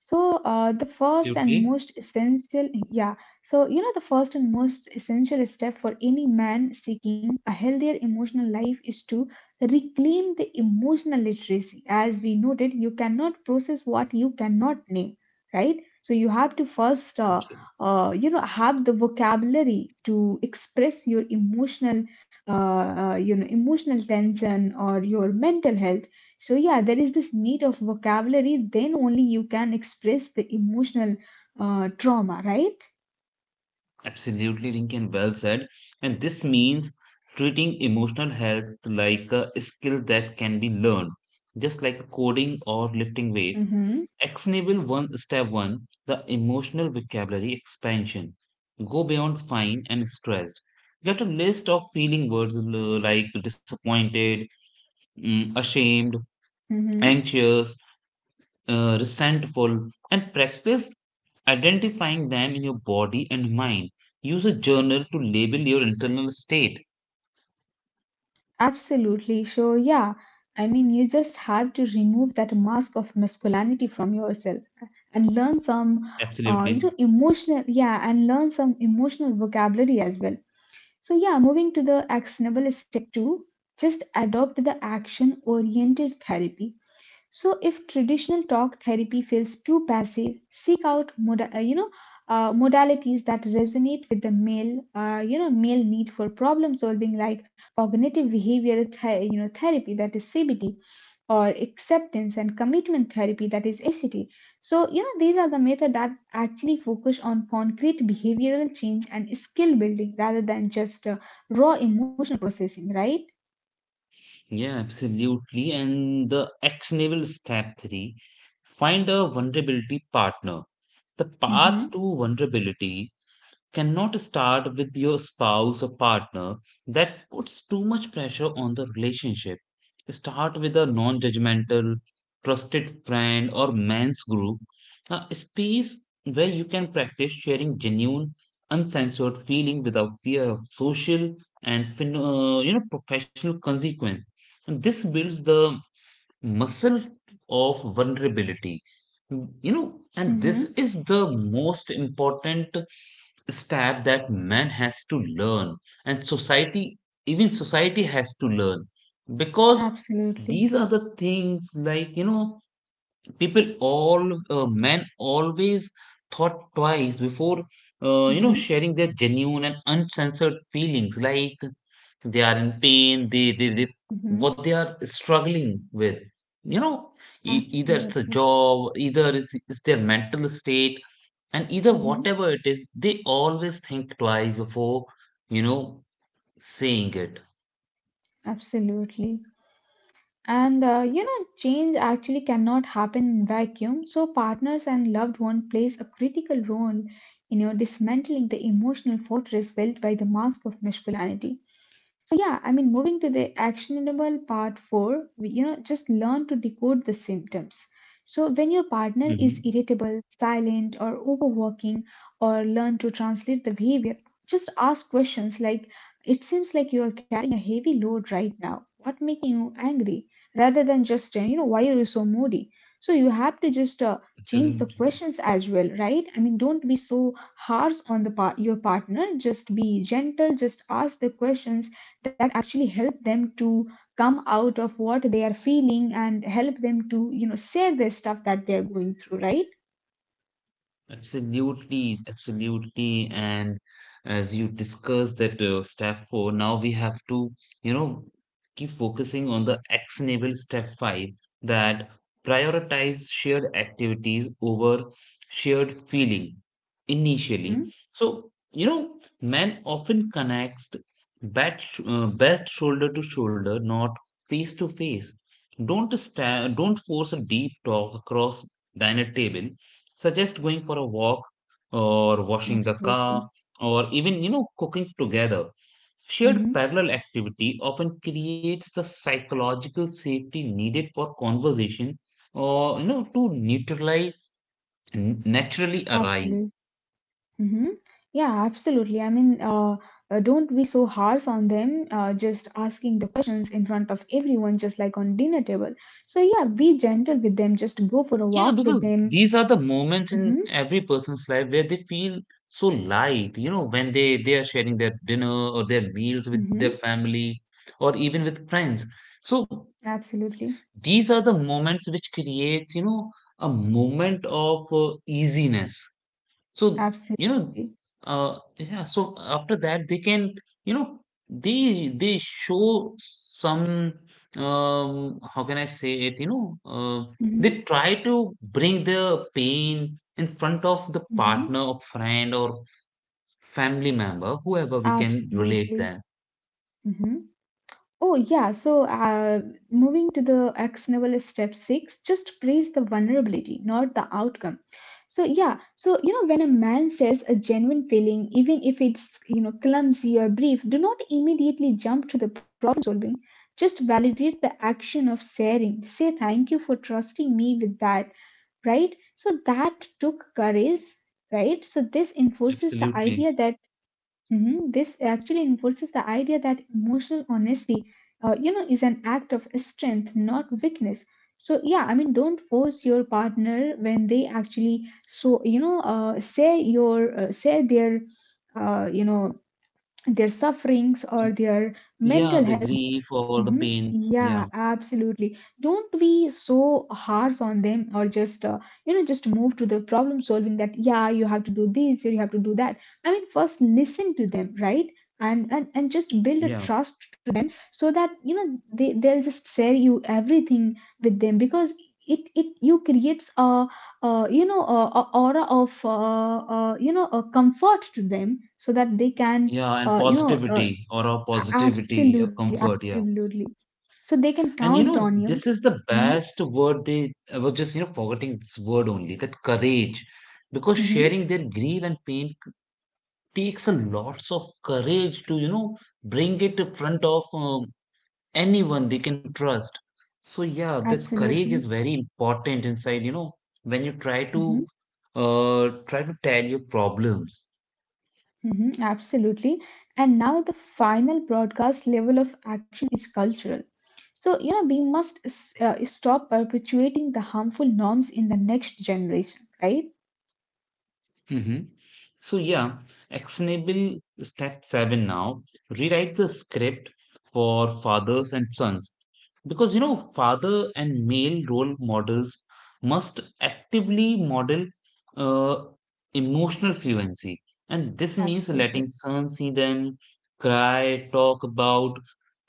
B: So the first and
A: Absolutely.
B: most essential, yeah. So you know the first and most essential step for any man seeking a healthier emotional life is to reclaim the emotional literacy. As we noted, you cannot process what you cannot name, right? So you have to first have the vocabulary to express your emotional tension or your mental health. So, yeah, there is this need of vocabulary, then only you can express the emotional trauma, right?
A: Absolutely, Lincoln, well said. And this means treating emotional health like a skill that can be learned, just like coding or lifting weights.
B: Mm-hmm,
A: Actionable one step one, the emotional vocabulary expansion. Go beyond fine and stressed. Get a list of feeling words like disappointed, mm, ashamed,
B: mm-hmm.
A: anxious, resentful, and practice identifying them in your body and mind. Use a journal to label your internal state.
B: Absolutely. So, yeah, I mean, you just have to remove that mask of masculinity from yourself and
A: Absolutely.
B: learn some emotional vocabulary as well. So, yeah, moving to the actionable step two, just adopt the action oriented therapy. So if traditional talk therapy feels too passive, seek out modalities that resonate with the male you know male need for problem solving like cognitive behavioral therapy that is CBT or acceptance and commitment therapy that is ACT. So you know these are the methods that actually focus on concrete behavioral change and skill building rather than just raw emotional processing, right?
A: Yeah, absolutely. And the actionable step three, find a vulnerability partner. The path
B: Mm-hmm.
A: to vulnerability cannot start with your spouse or partner. That puts too much pressure on the relationship. Start with a non judgmental, trusted friend or men's group, a space where you can practice sharing genuine, uncensored feeling without fear of social and you know professional consequence. And this builds the muscle of vulnerability, you know, and this
B: Mm-hmm.
A: is the most important step that man has to learn, and society, even society has to learn, because
B: Absolutely.
A: these are the things, like you know, people all, men always thought twice before, you know,
B: Mm-hmm.
A: sharing their genuine and uncensored feelings, like they are in pain, they
B: Mm-hmm.
A: what they are struggling with, you know, either it's a
B: Absolutely.
A: job, it's their mental state, and either
B: Hmm.
A: whatever it is they always think twice before, you know, saying it.
B: Absolutely. And change actually cannot happen in vacuum. So partners and loved one plays a critical role in your dismantling the emotional fortress built by the mask of masculinity. So yeah, I mean, moving to the actionable part four, just learn to decode the symptoms. So when your partner is
A: Hmm.
B: irritable, silent, or overworking, or learn to translate the behavior, just ask questions like, "It seems like you are carrying a heavy load right now. What making you angry?" Rather than just, "Why are you so moody?" So you have to just change the
A: Absolutely.
B: questions as well, right? I mean, don't be so harsh on your partner. Just be gentle. Just ask the questions that actually help them to come out of what they are feeling and help them to share their stuff that they're going through, right?
A: Absolutely, absolutely. And as you discussed that step four, now we have to, you know, keep focusing on the actionable step five, that prioritize shared activities over shared feeling initially.
B: Mm-hmm.
A: So, you know, men often connects best, best shoulder to shoulder, not face to face. Don't force a deep talk across dinner table. Suggest going for a walk or washing the car
B: Absolutely.
A: or even, cooking together. Shared
B: Mm-hmm.
A: parallel activity often creates the psychological safety needed for conversation or, to naturally arise.
B: Absolutely. Mm-hmm. Yeah, absolutely. I mean, don't be so harsh on them, just asking the questions in front of everyone, just like on dinner table. So yeah, be gentle with them. Just go for a
A: Yeah,
B: walk with
A: because
B: them.
A: these are the moments in
B: Mm-hmm.
A: every person's life where they feel so light, you know, when they are sharing their dinner or their meals with their
B: Mm-hmm.
A: family or even with friends. So
B: Absolutely.
A: these are the moments which creates, you know, a moment of easiness. So, you know
B: Absolutely.
A: yeah so after that they can, you know, they show some, how can I say it, they
B: Mm-hmm.
A: try to bring their pain in front of the
B: Mm-hmm.
A: partner or friend or family member, whoever we can relate
B: Absolutely.
A: that.
B: Mm-hmm. Oh, yeah. So, moving to the actionable step six, just praise the vulnerability, not the outcome. So, yeah. So, you know, when a man says a genuine feeling, even if it's, you know, clumsy or brief, do not immediately jump to the problem solving. Just validate the action of sharing. Say thank you for trusting me with that, right? So, that took courage, right? So, this enforces the
A: Absolutely.
B: idea that Mhm. This actually enforces the idea that emotional honesty, is an act of strength, not weakness. So yeah, I mean, don't force your partner when they actually say your say their uh, you know their sufferings or their
A: Yeah,
B: mental
A: the
B: health.
A: grief or the
B: hmm
A: pain, yeah,
B: Yeah, absolutely. Don't be so harsh on them or just, just move to the problem solving that, yeah, you have to do this or you have to do that. I mean, first listen to them, right? And just build a
A: yeah.
B: trust to them so that you know they'll just share you everything with them because it you creates a aura of a comfort to them so that they can
A: Yeah, and
B: uh, you know uh.
A: positivity or a
B: A-
A: positivity, a
B: Absolutely,
A: comfort, yeah.
B: absolutely. So they can
A: And you
B: count
A: know,
B: on
A: this
B: you.
A: is the
B: hmm
A: best word they, I was just, you know, forgetting this word only, that courage. Because
B: hmm
A: sharing their grief and pain takes a lots of courage to, you know, bring it in front of, anyone they can trust. So yeah, that courage is
B: Absolutely.
A: very important inside, you know, when you try
B: hmm
A: to try to tell your problems.
B: Absolutely. And now the final broadcast level of action is cultural. So, you know, we must stop perpetuating the harmful norms in the next generation, right?
A: Hmm. So, yeah, actionable step seven now, rewrite the script for fathers and sons, because you know, father and male role models must actively model, uh, emotional fluency, and this means letting
B: Absolutely.
A: sons see them cry, talk about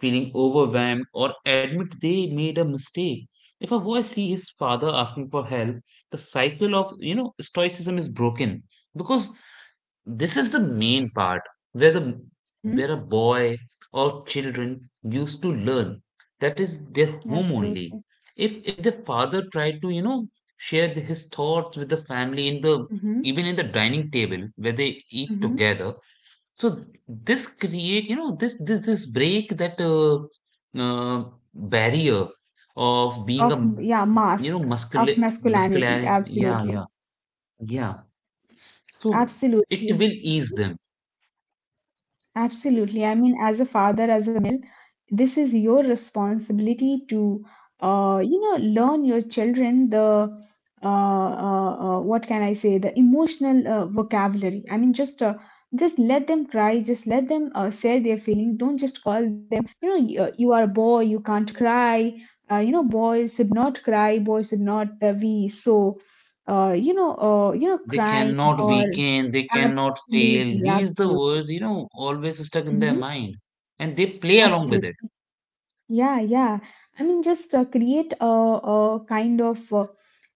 A: feeling overwhelmed, or admit they made a mistake. If a boy see his father asking for help, the cycle of, you know, stoicism is broken, because this is the main part where the where a
B: hmm
A: boy or children used to learn that is their home only.
B: Absolutely.
A: If the father tried to, you know, share his thoughts with the family in the
B: hmm
A: even in the dining table where they eat
B: hmm
A: together. So this create, you know, this break that, uh, barrier of being a,
B: Of yeah,
A: you know,
B: mask
A: muscular,
B: of
A: muscularity,
B: masculinity.
A: yeah, yeah,
B: Absolutely.
A: yeah. So it will
B: Absolutely.
A: ease them.
B: Absolutely. I mean, as a father, as a this is your responsibility to learn your children the what can I say, the emotional vocabulary. I mean just let them cry, just let them say their feeling, don't just call them, you know, you are a boy, you can't cry, boys should not cry, boys should not be so
A: They
B: crying
A: cannot
B: or
A: weaken, they cannot fail.
B: absolutely
A: These the
B: absolutely.
A: words, you know, always stuck in their
B: hmm
A: mind. And they play along with
B: Absolutely.
A: it.
B: Yeah, yeah. I mean, just create a kind of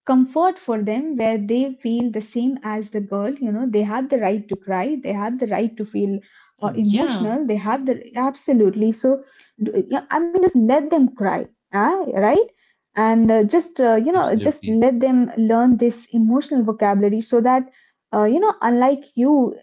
B: comfort for them where they feel the same as the girl. You know, they have the right to cry, they have the right to feel
A: Yeah,
B: emotional, they have the absolutely. So, yeah, I mean, just let them cry, ah, right? And just you know just
A: absolutely.
B: let them learn this emotional vocabulary so that unlike you,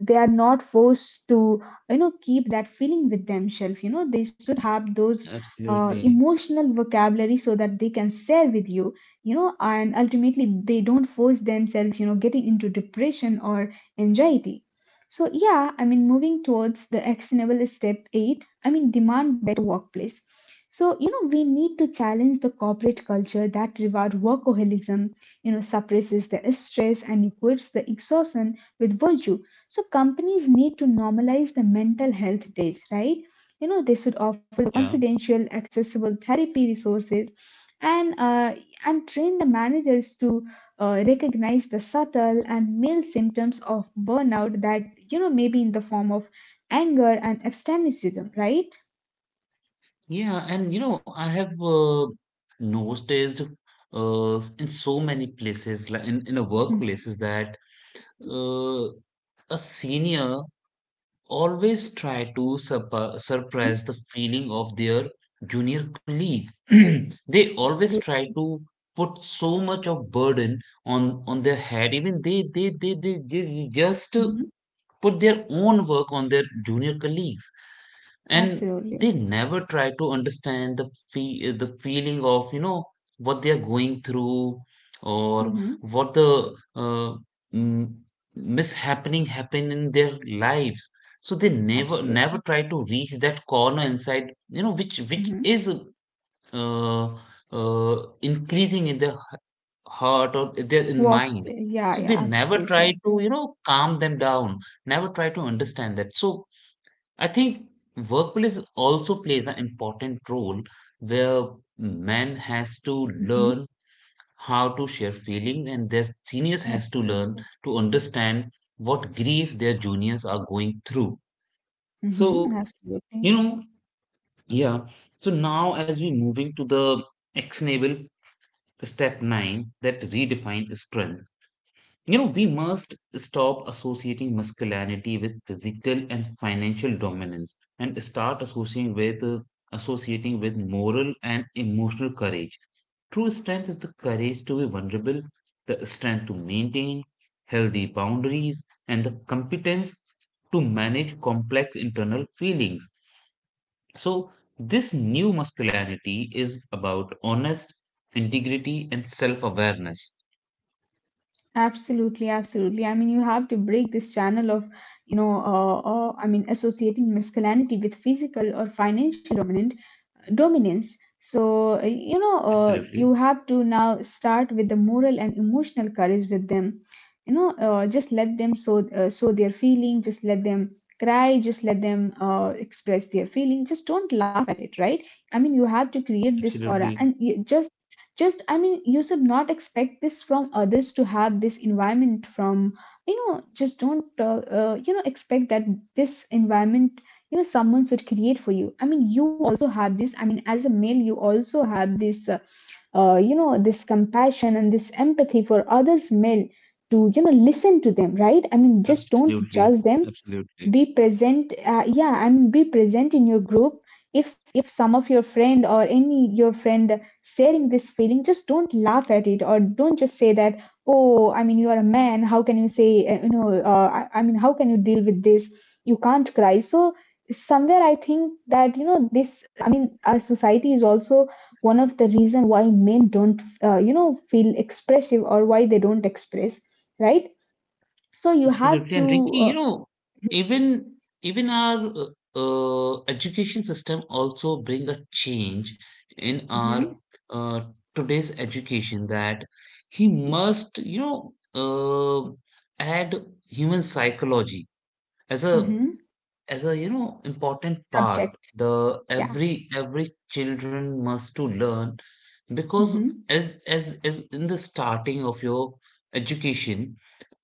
B: they are not forced to, you know, keep that feeling with themselves. You know, they should have those
A: Absolutely.
B: emotional vocabulary so that they can share with you, you know, and ultimately they don't force themselves, you know, getting into depression or anxiety. So yeah, I mean, moving towards the actionable step 8, I mean, demand workplace. So, you know, we need to challenge the corporate culture that reward workaholism, you know, suppresses the stress and equates the exhaustion with virtue. So companies need to normalize the mental health days, right? You know, they should offer the
A: Yeah.
B: confidential, accessible therapy resources and train the managers to recognize the subtle and mild symptoms of burnout that, you know, maybe in the form of anger and abstainism, right?
A: Yeah, and you know, I have noticed in so many places, like in a
B: Hmm.
A: workplaces, that uh, a senior always try to
B: Mhm.
A: surprise the feeling of their junior colleague. They always
B: Absolutely.
A: try to put so much of burden on their head. Even they just,
B: Mhm.
A: put their own work on their junior colleagues and
B: Absolutely.
A: they never try to understand the fee the feeling of, you know, what they are going through, or
B: Mhm.
A: what the, m- mishappening happen in their lives. So they never never
B: Absolutely.
A: try to reach that corner inside, you know, which
B: Mhm.
A: is, uh, increasing in their, heart or their in
B: Work.
A: mind.
B: Yeah,
A: So
B: yeah,
A: they never
B: absolutely.
A: try to,
B: Absolutely.
A: you know, calm them down, never try to understand that. So I think workplace also plays an important role where man has to
B: Mhm.
A: learn how to share feeling and their seniors has to learn
B: Absolutely.
A: to understand what grief their juniors are going through.
B: Mhm.
A: So,
B: Absolutely.
A: you know, yeah. So now as we moving to the actionable step nine, that redefine strength. You know, we must stop associating masculinity with physical and financial dominance and start associating with, associating with moral and emotional courage. True strength is the courage to be vulnerable, the strength to maintain healthy boundaries, and the competence to manage complex internal feelings. So, this new masculinity is about honest integrity and self awareness.
B: Absolutely, absolutely. I mean, you have to break this channel of, you know, I mean, associating masculinity with physical or financial dominance dominance. So
A: Absolutely,
B: you have to now start with the moral and emotional courage with them, you know. Just let them show, show their feeling, just let them cry, just let them express their feeling, just don't laugh at it, right? I mean, you have to create this aura
A: absolutely.
B: and you just, I mean, you should not expect this from others to have this environment from, you know, just don't expect that this environment, you know, someone should create for you. I mean, you also have this. I mean, as a male, you also have this this compassion and this empathy for others male to, you know, listen to them, right? I mean, just don't
A: Absolutely,
B: judge them,
A: absolutely,
B: be present. Yeah, I mean, be present in your group. If some of your friend or any your friend sharing this feeling, just don't laugh at it or don't just say that, oh, I mean, you are a man, how can you say, I mean, how can you deal with this, you can't cry? So somewhere I think that, you know, this, I mean, our society is also one of the reason why men don't, feel expressive, or why they don't express, right? So you have
A: absolutely.
B: to
A: And Rinky, you
B: uh,
A: know, even even our, education system also bring a change in our,
B: mhm,
A: uh, today's education, that he must, you know, add human psychology as a,
B: mhm.
A: as a, you know, important part.
B: Subject,
A: The
B: yeah.
A: every children must to learn, because
B: Mm-hmm.
A: as in the starting of your education,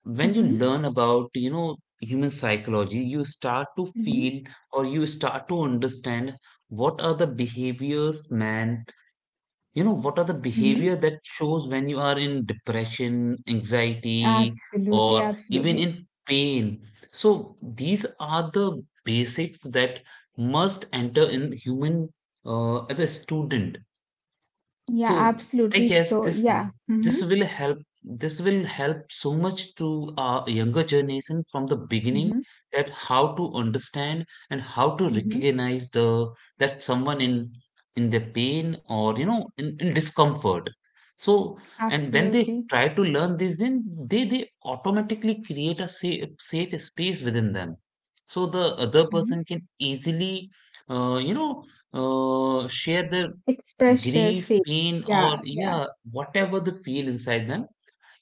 A: when you
B: Mm-hmm.
A: learn about, you know, human psychology, you start to
B: Mm-hmm.
A: feel or you start to understand what are the behaviors man, you know, what are the behavior
B: Mm-hmm.
A: that shows when you are in depression, anxiety
B: Absolutely,
A: or even
B: absolutely.
A: in pain. So these are the basics that must enter in human, as a student.
B: Yeah,
A: So I
B: absolutely.
A: guess
B: So,
A: this
B: yeah.
A: this
B: Mm-hmm.
A: will help, this will help so much to our younger generation from the beginning,
B: Mm-hmm.
A: that how to understand and how to
B: Mm-hmm.
A: recognize the, that someone in their pain, or you know, in discomfort. So and when they
B: Absolutely.
A: try to learn this, then they automatically create a safe space within them. So the other
B: Mm-hmm.
A: person can easily, you know, share their
B: Express their
A: grief,
B: faith.
A: pain,
B: Yeah,
A: or
B: yeah.
A: yeah, whatever they feel inside them.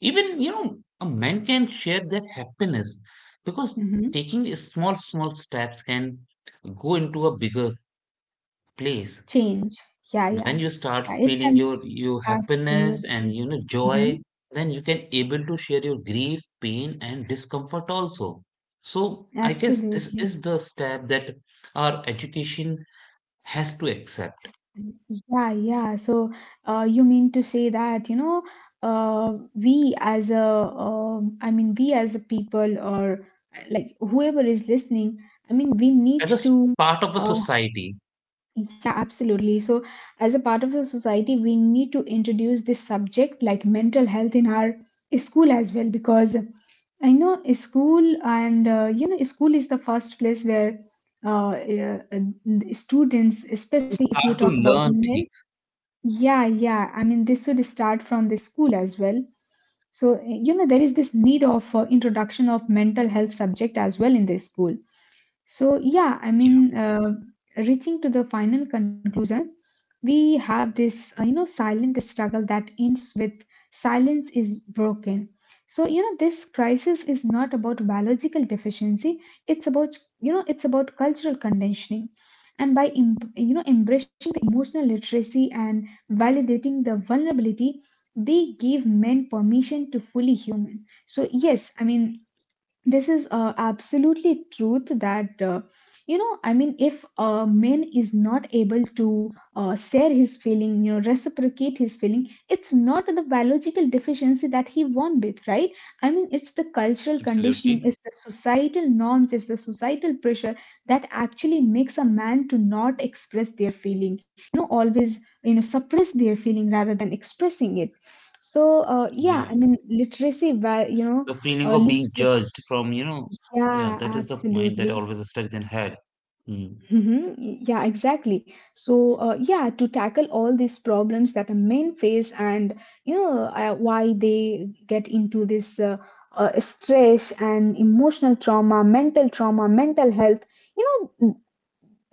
A: Even you know, a man can share their happiness, because
B: Mm-hmm.
A: taking a small steps can go into a bigger place.
B: Change. Yeah,
A: When you
B: yeah.
A: start
B: Yeah, it
A: feeling
B: can
A: your happiness and
B: absolutely.
A: you know joy,
B: Mm-hmm.
A: then you can able to share your grief, pain, and discomfort also. So I guess this
B: Absolutely.
A: is the step that our education has to accept
B: Yeah, yeah. So, you mean to say that, you know, we as a, I mean, we as a people or like whoever is listening, I mean, we need
A: as a
B: to,
A: part of a
B: uh,
A: society,
B: yeah, absolutely. So, as a part of the society, we need to introduce this subject like mental health in our school as well, because I know a school and, you know, school is the first place where, students, especially if
A: start
B: you
A: to
B: talk about
A: learn
B: men,
A: things.
B: yeah, yeah. I mean, this should start from the school as well. So, you know, there is this need of introduction of mental health subject as well in the school. So, yeah, I
A: Yeah,
B: mean, reaching to the final conclusion, we have this, you know, silent struggle that ends with silence is broken. So, you know, this crisis is not about biological deficiency. It's about, you know, it's about cultural conditioning. And by, you know, embracing the emotional literacy and validating the vulnerability, we give men permission to fully human. So, yes, I mean, this is absolutely truth that I mean, if a man is not able to share his feeling, you know, reciprocate his feeling, it's not the biological deficiency that he won with, right? I mean, it's the cultural
A: absolutely.
B: conditioning, it's the societal norms, it's the societal pressure that actually makes a man to not express their feeling, you know, always, you know, suppress their feeling rather than expressing it. So
A: Yeah,
B: yeah, I mean, literacy va- you
A: the
B: know
A: feeling of being
B: literacy,
A: judged from, you know, yeah,
B: yeah,
A: that is the point that
B: absolutely.
A: always stuck in head. Mm.
B: hmm Yeah, exactly. So, yeah, to tackle all these problems that the men face and, you know, why they get into this stress and emotional trauma, mental health, you know,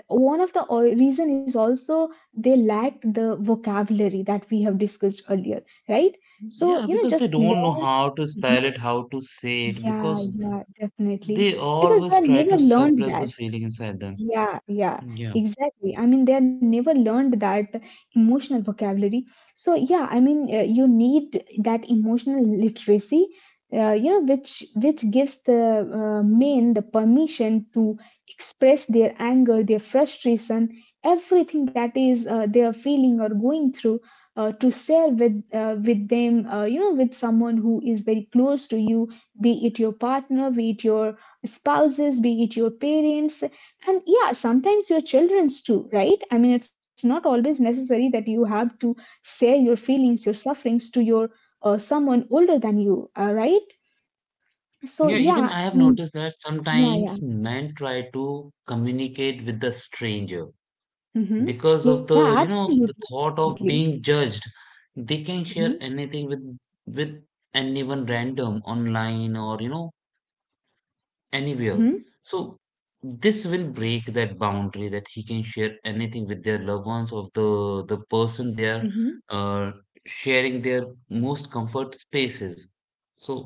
B: one of the reason is also they lack the vocabulary that we have discussed earlier, right? So,
A: Yeah,
B: you know,
A: because
B: just
A: they
B: learn.
A: don't know how to
B: Mhm.
A: spell it, how to say it,
B: Yeah,
A: because
B: yeah, definitely.
A: they
B: Because they
A: always try
B: never
A: to
B: learned
A: suppress the
B: that.
A: feeling inside them.
B: Yeah, yeah,
A: Yeah.
B: exactly. I mean, they never learned that emotional vocabulary. So, yeah, I mean, you need that emotional literacy, you know, which gives the men the permission to express their anger, their frustration, everything that is they are feeling or going through, to share with them, you know, with someone who is very close to you, be it your partner, be it your spouses, be it your parents, and yeah, sometimes your children's too, right? I mean, it's not always necessary that you have to share your feelings, your sufferings to your someone older than you, right? So
A: Yeah, even
B: yeah,
A: I have
B: mm,
A: noticed that
B: yeah,
A: sometimes
B: yeah,
A: men try to communicate with the stranger
B: mm-hmm,
A: because of
B: yeah,
A: the, you know,
B: absolutely,
A: the thought
B: absolutely,
A: of being judged. They can
B: mm-hmm.
A: share anything with anyone random online or you know, anywhere.
B: Mm-hmm.
A: So this will break that boundary, that he can share anything with their loved ones of the person they are,
B: Mm-hmm.
A: uh, sharing their most comfort spaces. So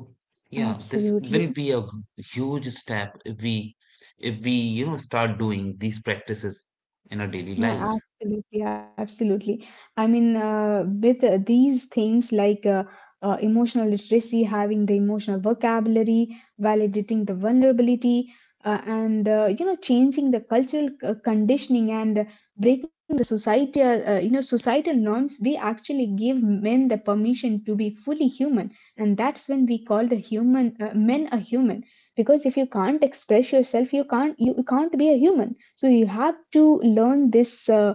A: yeah, this
B: Absolutely.
A: will be a huge step if we, you know, start doing these practices in our daily
B: Yeah,
A: lives.
B: absolutely, absolutely. I mean, with these things like emotional literacy, having the emotional vocabulary, validating the vulnerability, and you know, changing the cultural conditioning and breaking the societal, you know, societal norms, we actually give men the permission to be fully human, and that's when we call the human men a human. Because if you can't express yourself, you can't be a human. So you have to learn this uh,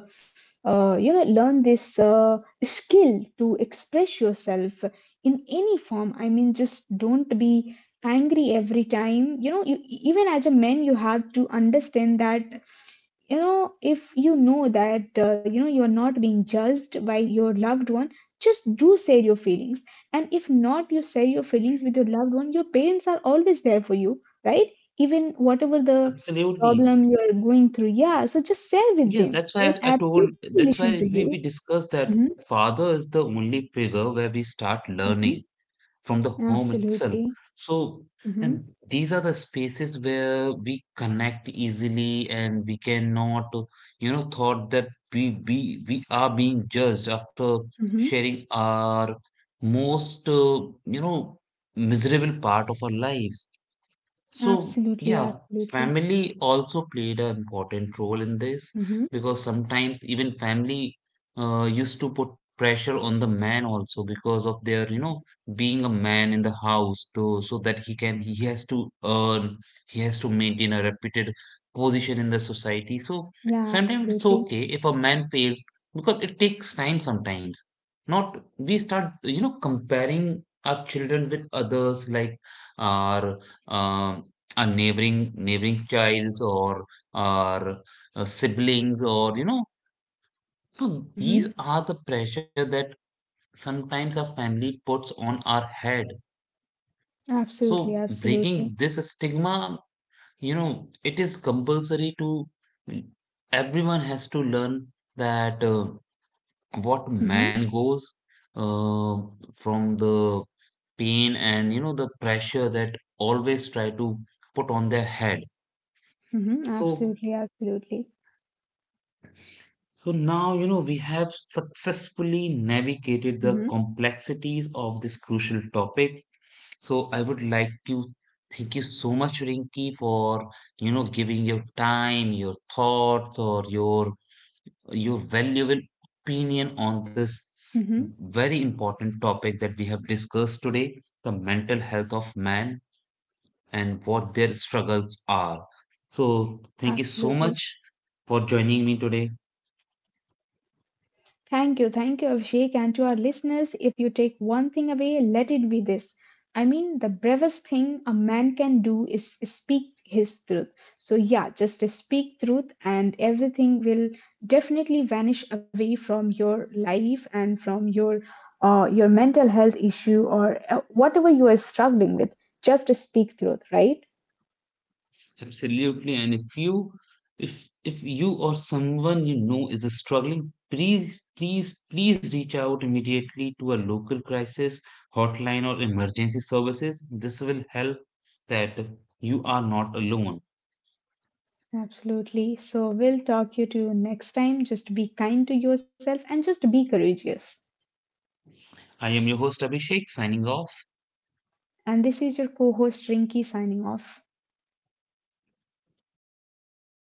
B: uh, you know learn this skill to express yourself in any form. I mean, just don't be angry every time. Even as a man, you have to understand that, you know, if you know that, you're not being judged by your loved one, just do say your feelings. And if not, you say your feelings with your loved one, your parents are always there for you, right? Even whatever the problem
A: Absolutely.
B: you are going through. Yeah, so just share with them.
A: Yeah,
B: I will
A: that's why I
B: absolutely
A: told,
B: listen to
A: that's
B: you.
A: why we
B: hmm
A: discussed that father is the only figure where we start
B: hmm
A: learning from the home itself.
B: Absolutely.
A: So,
B: hmm
A: and these are the spaces where we connect easily and we cannot, you know, thought that we are being judged after
B: hmm
A: sharing our most, you know, miserable part of our lives. So,
B: Absolutely.
A: yeah,
B: Absolutely.
A: family also played an important role in this,
B: hmm
A: because sometimes even family, used to put pressure on the man also because of their, you know, being a man in the house, though, so that he can, he has to earn, he has to maintain a reputed position in the society. So
B: Yeah,
A: sometimes it's
B: absolutely.
A: okay if a man fails, because it takes time sometimes. Not, we start, you know, comparing our children with others, like our, um neighboring childs or, siblings or you know. So
B: hmm
A: these are the pressure that sometimes our family puts on our head,
B: Absolutely.
A: so
B: Absolutely.
A: breaking this stigma, you know, it is compulsory to, everyone has to learn that, what
B: hmm
A: man goes, uh, from the pain and you know the pressure that always try to put on their head. So,
B: Absolutely. Absolutely.
A: so now, you know, we have successfully navigated
B: hmm
A: the complexities of this crucial topic. So I would like to thank you so much, Rinki, for, you know, giving your time, your thoughts, or your valuable opinion on this
B: hmm
A: very important topic that we have discussed today, the mental health of man and what their struggles are. So thank you so
B: Absolutely.
A: much for joining me today.
B: Thank you, Abhishek. And to our listeners, if you take one thing away, let it be this. I mean, the bravest thing a man can do is speak his truth. So, yeah, just speak truth, and everything will definitely vanish away from your life and from your mental health issue or whatever you are struggling with. Just speak truth, right?
A: Absolutely. And if you, if you or someone you know is struggling, please please please reach out immediately to a local crisis hotline or emergency services. This will help that you are not alone.
B: Absolutely. So, we'll talk you to next time. Just be kind to yourself and just be courageous.
A: I am your host Abhishek signing off.
B: And this is your co host Rinky signing off.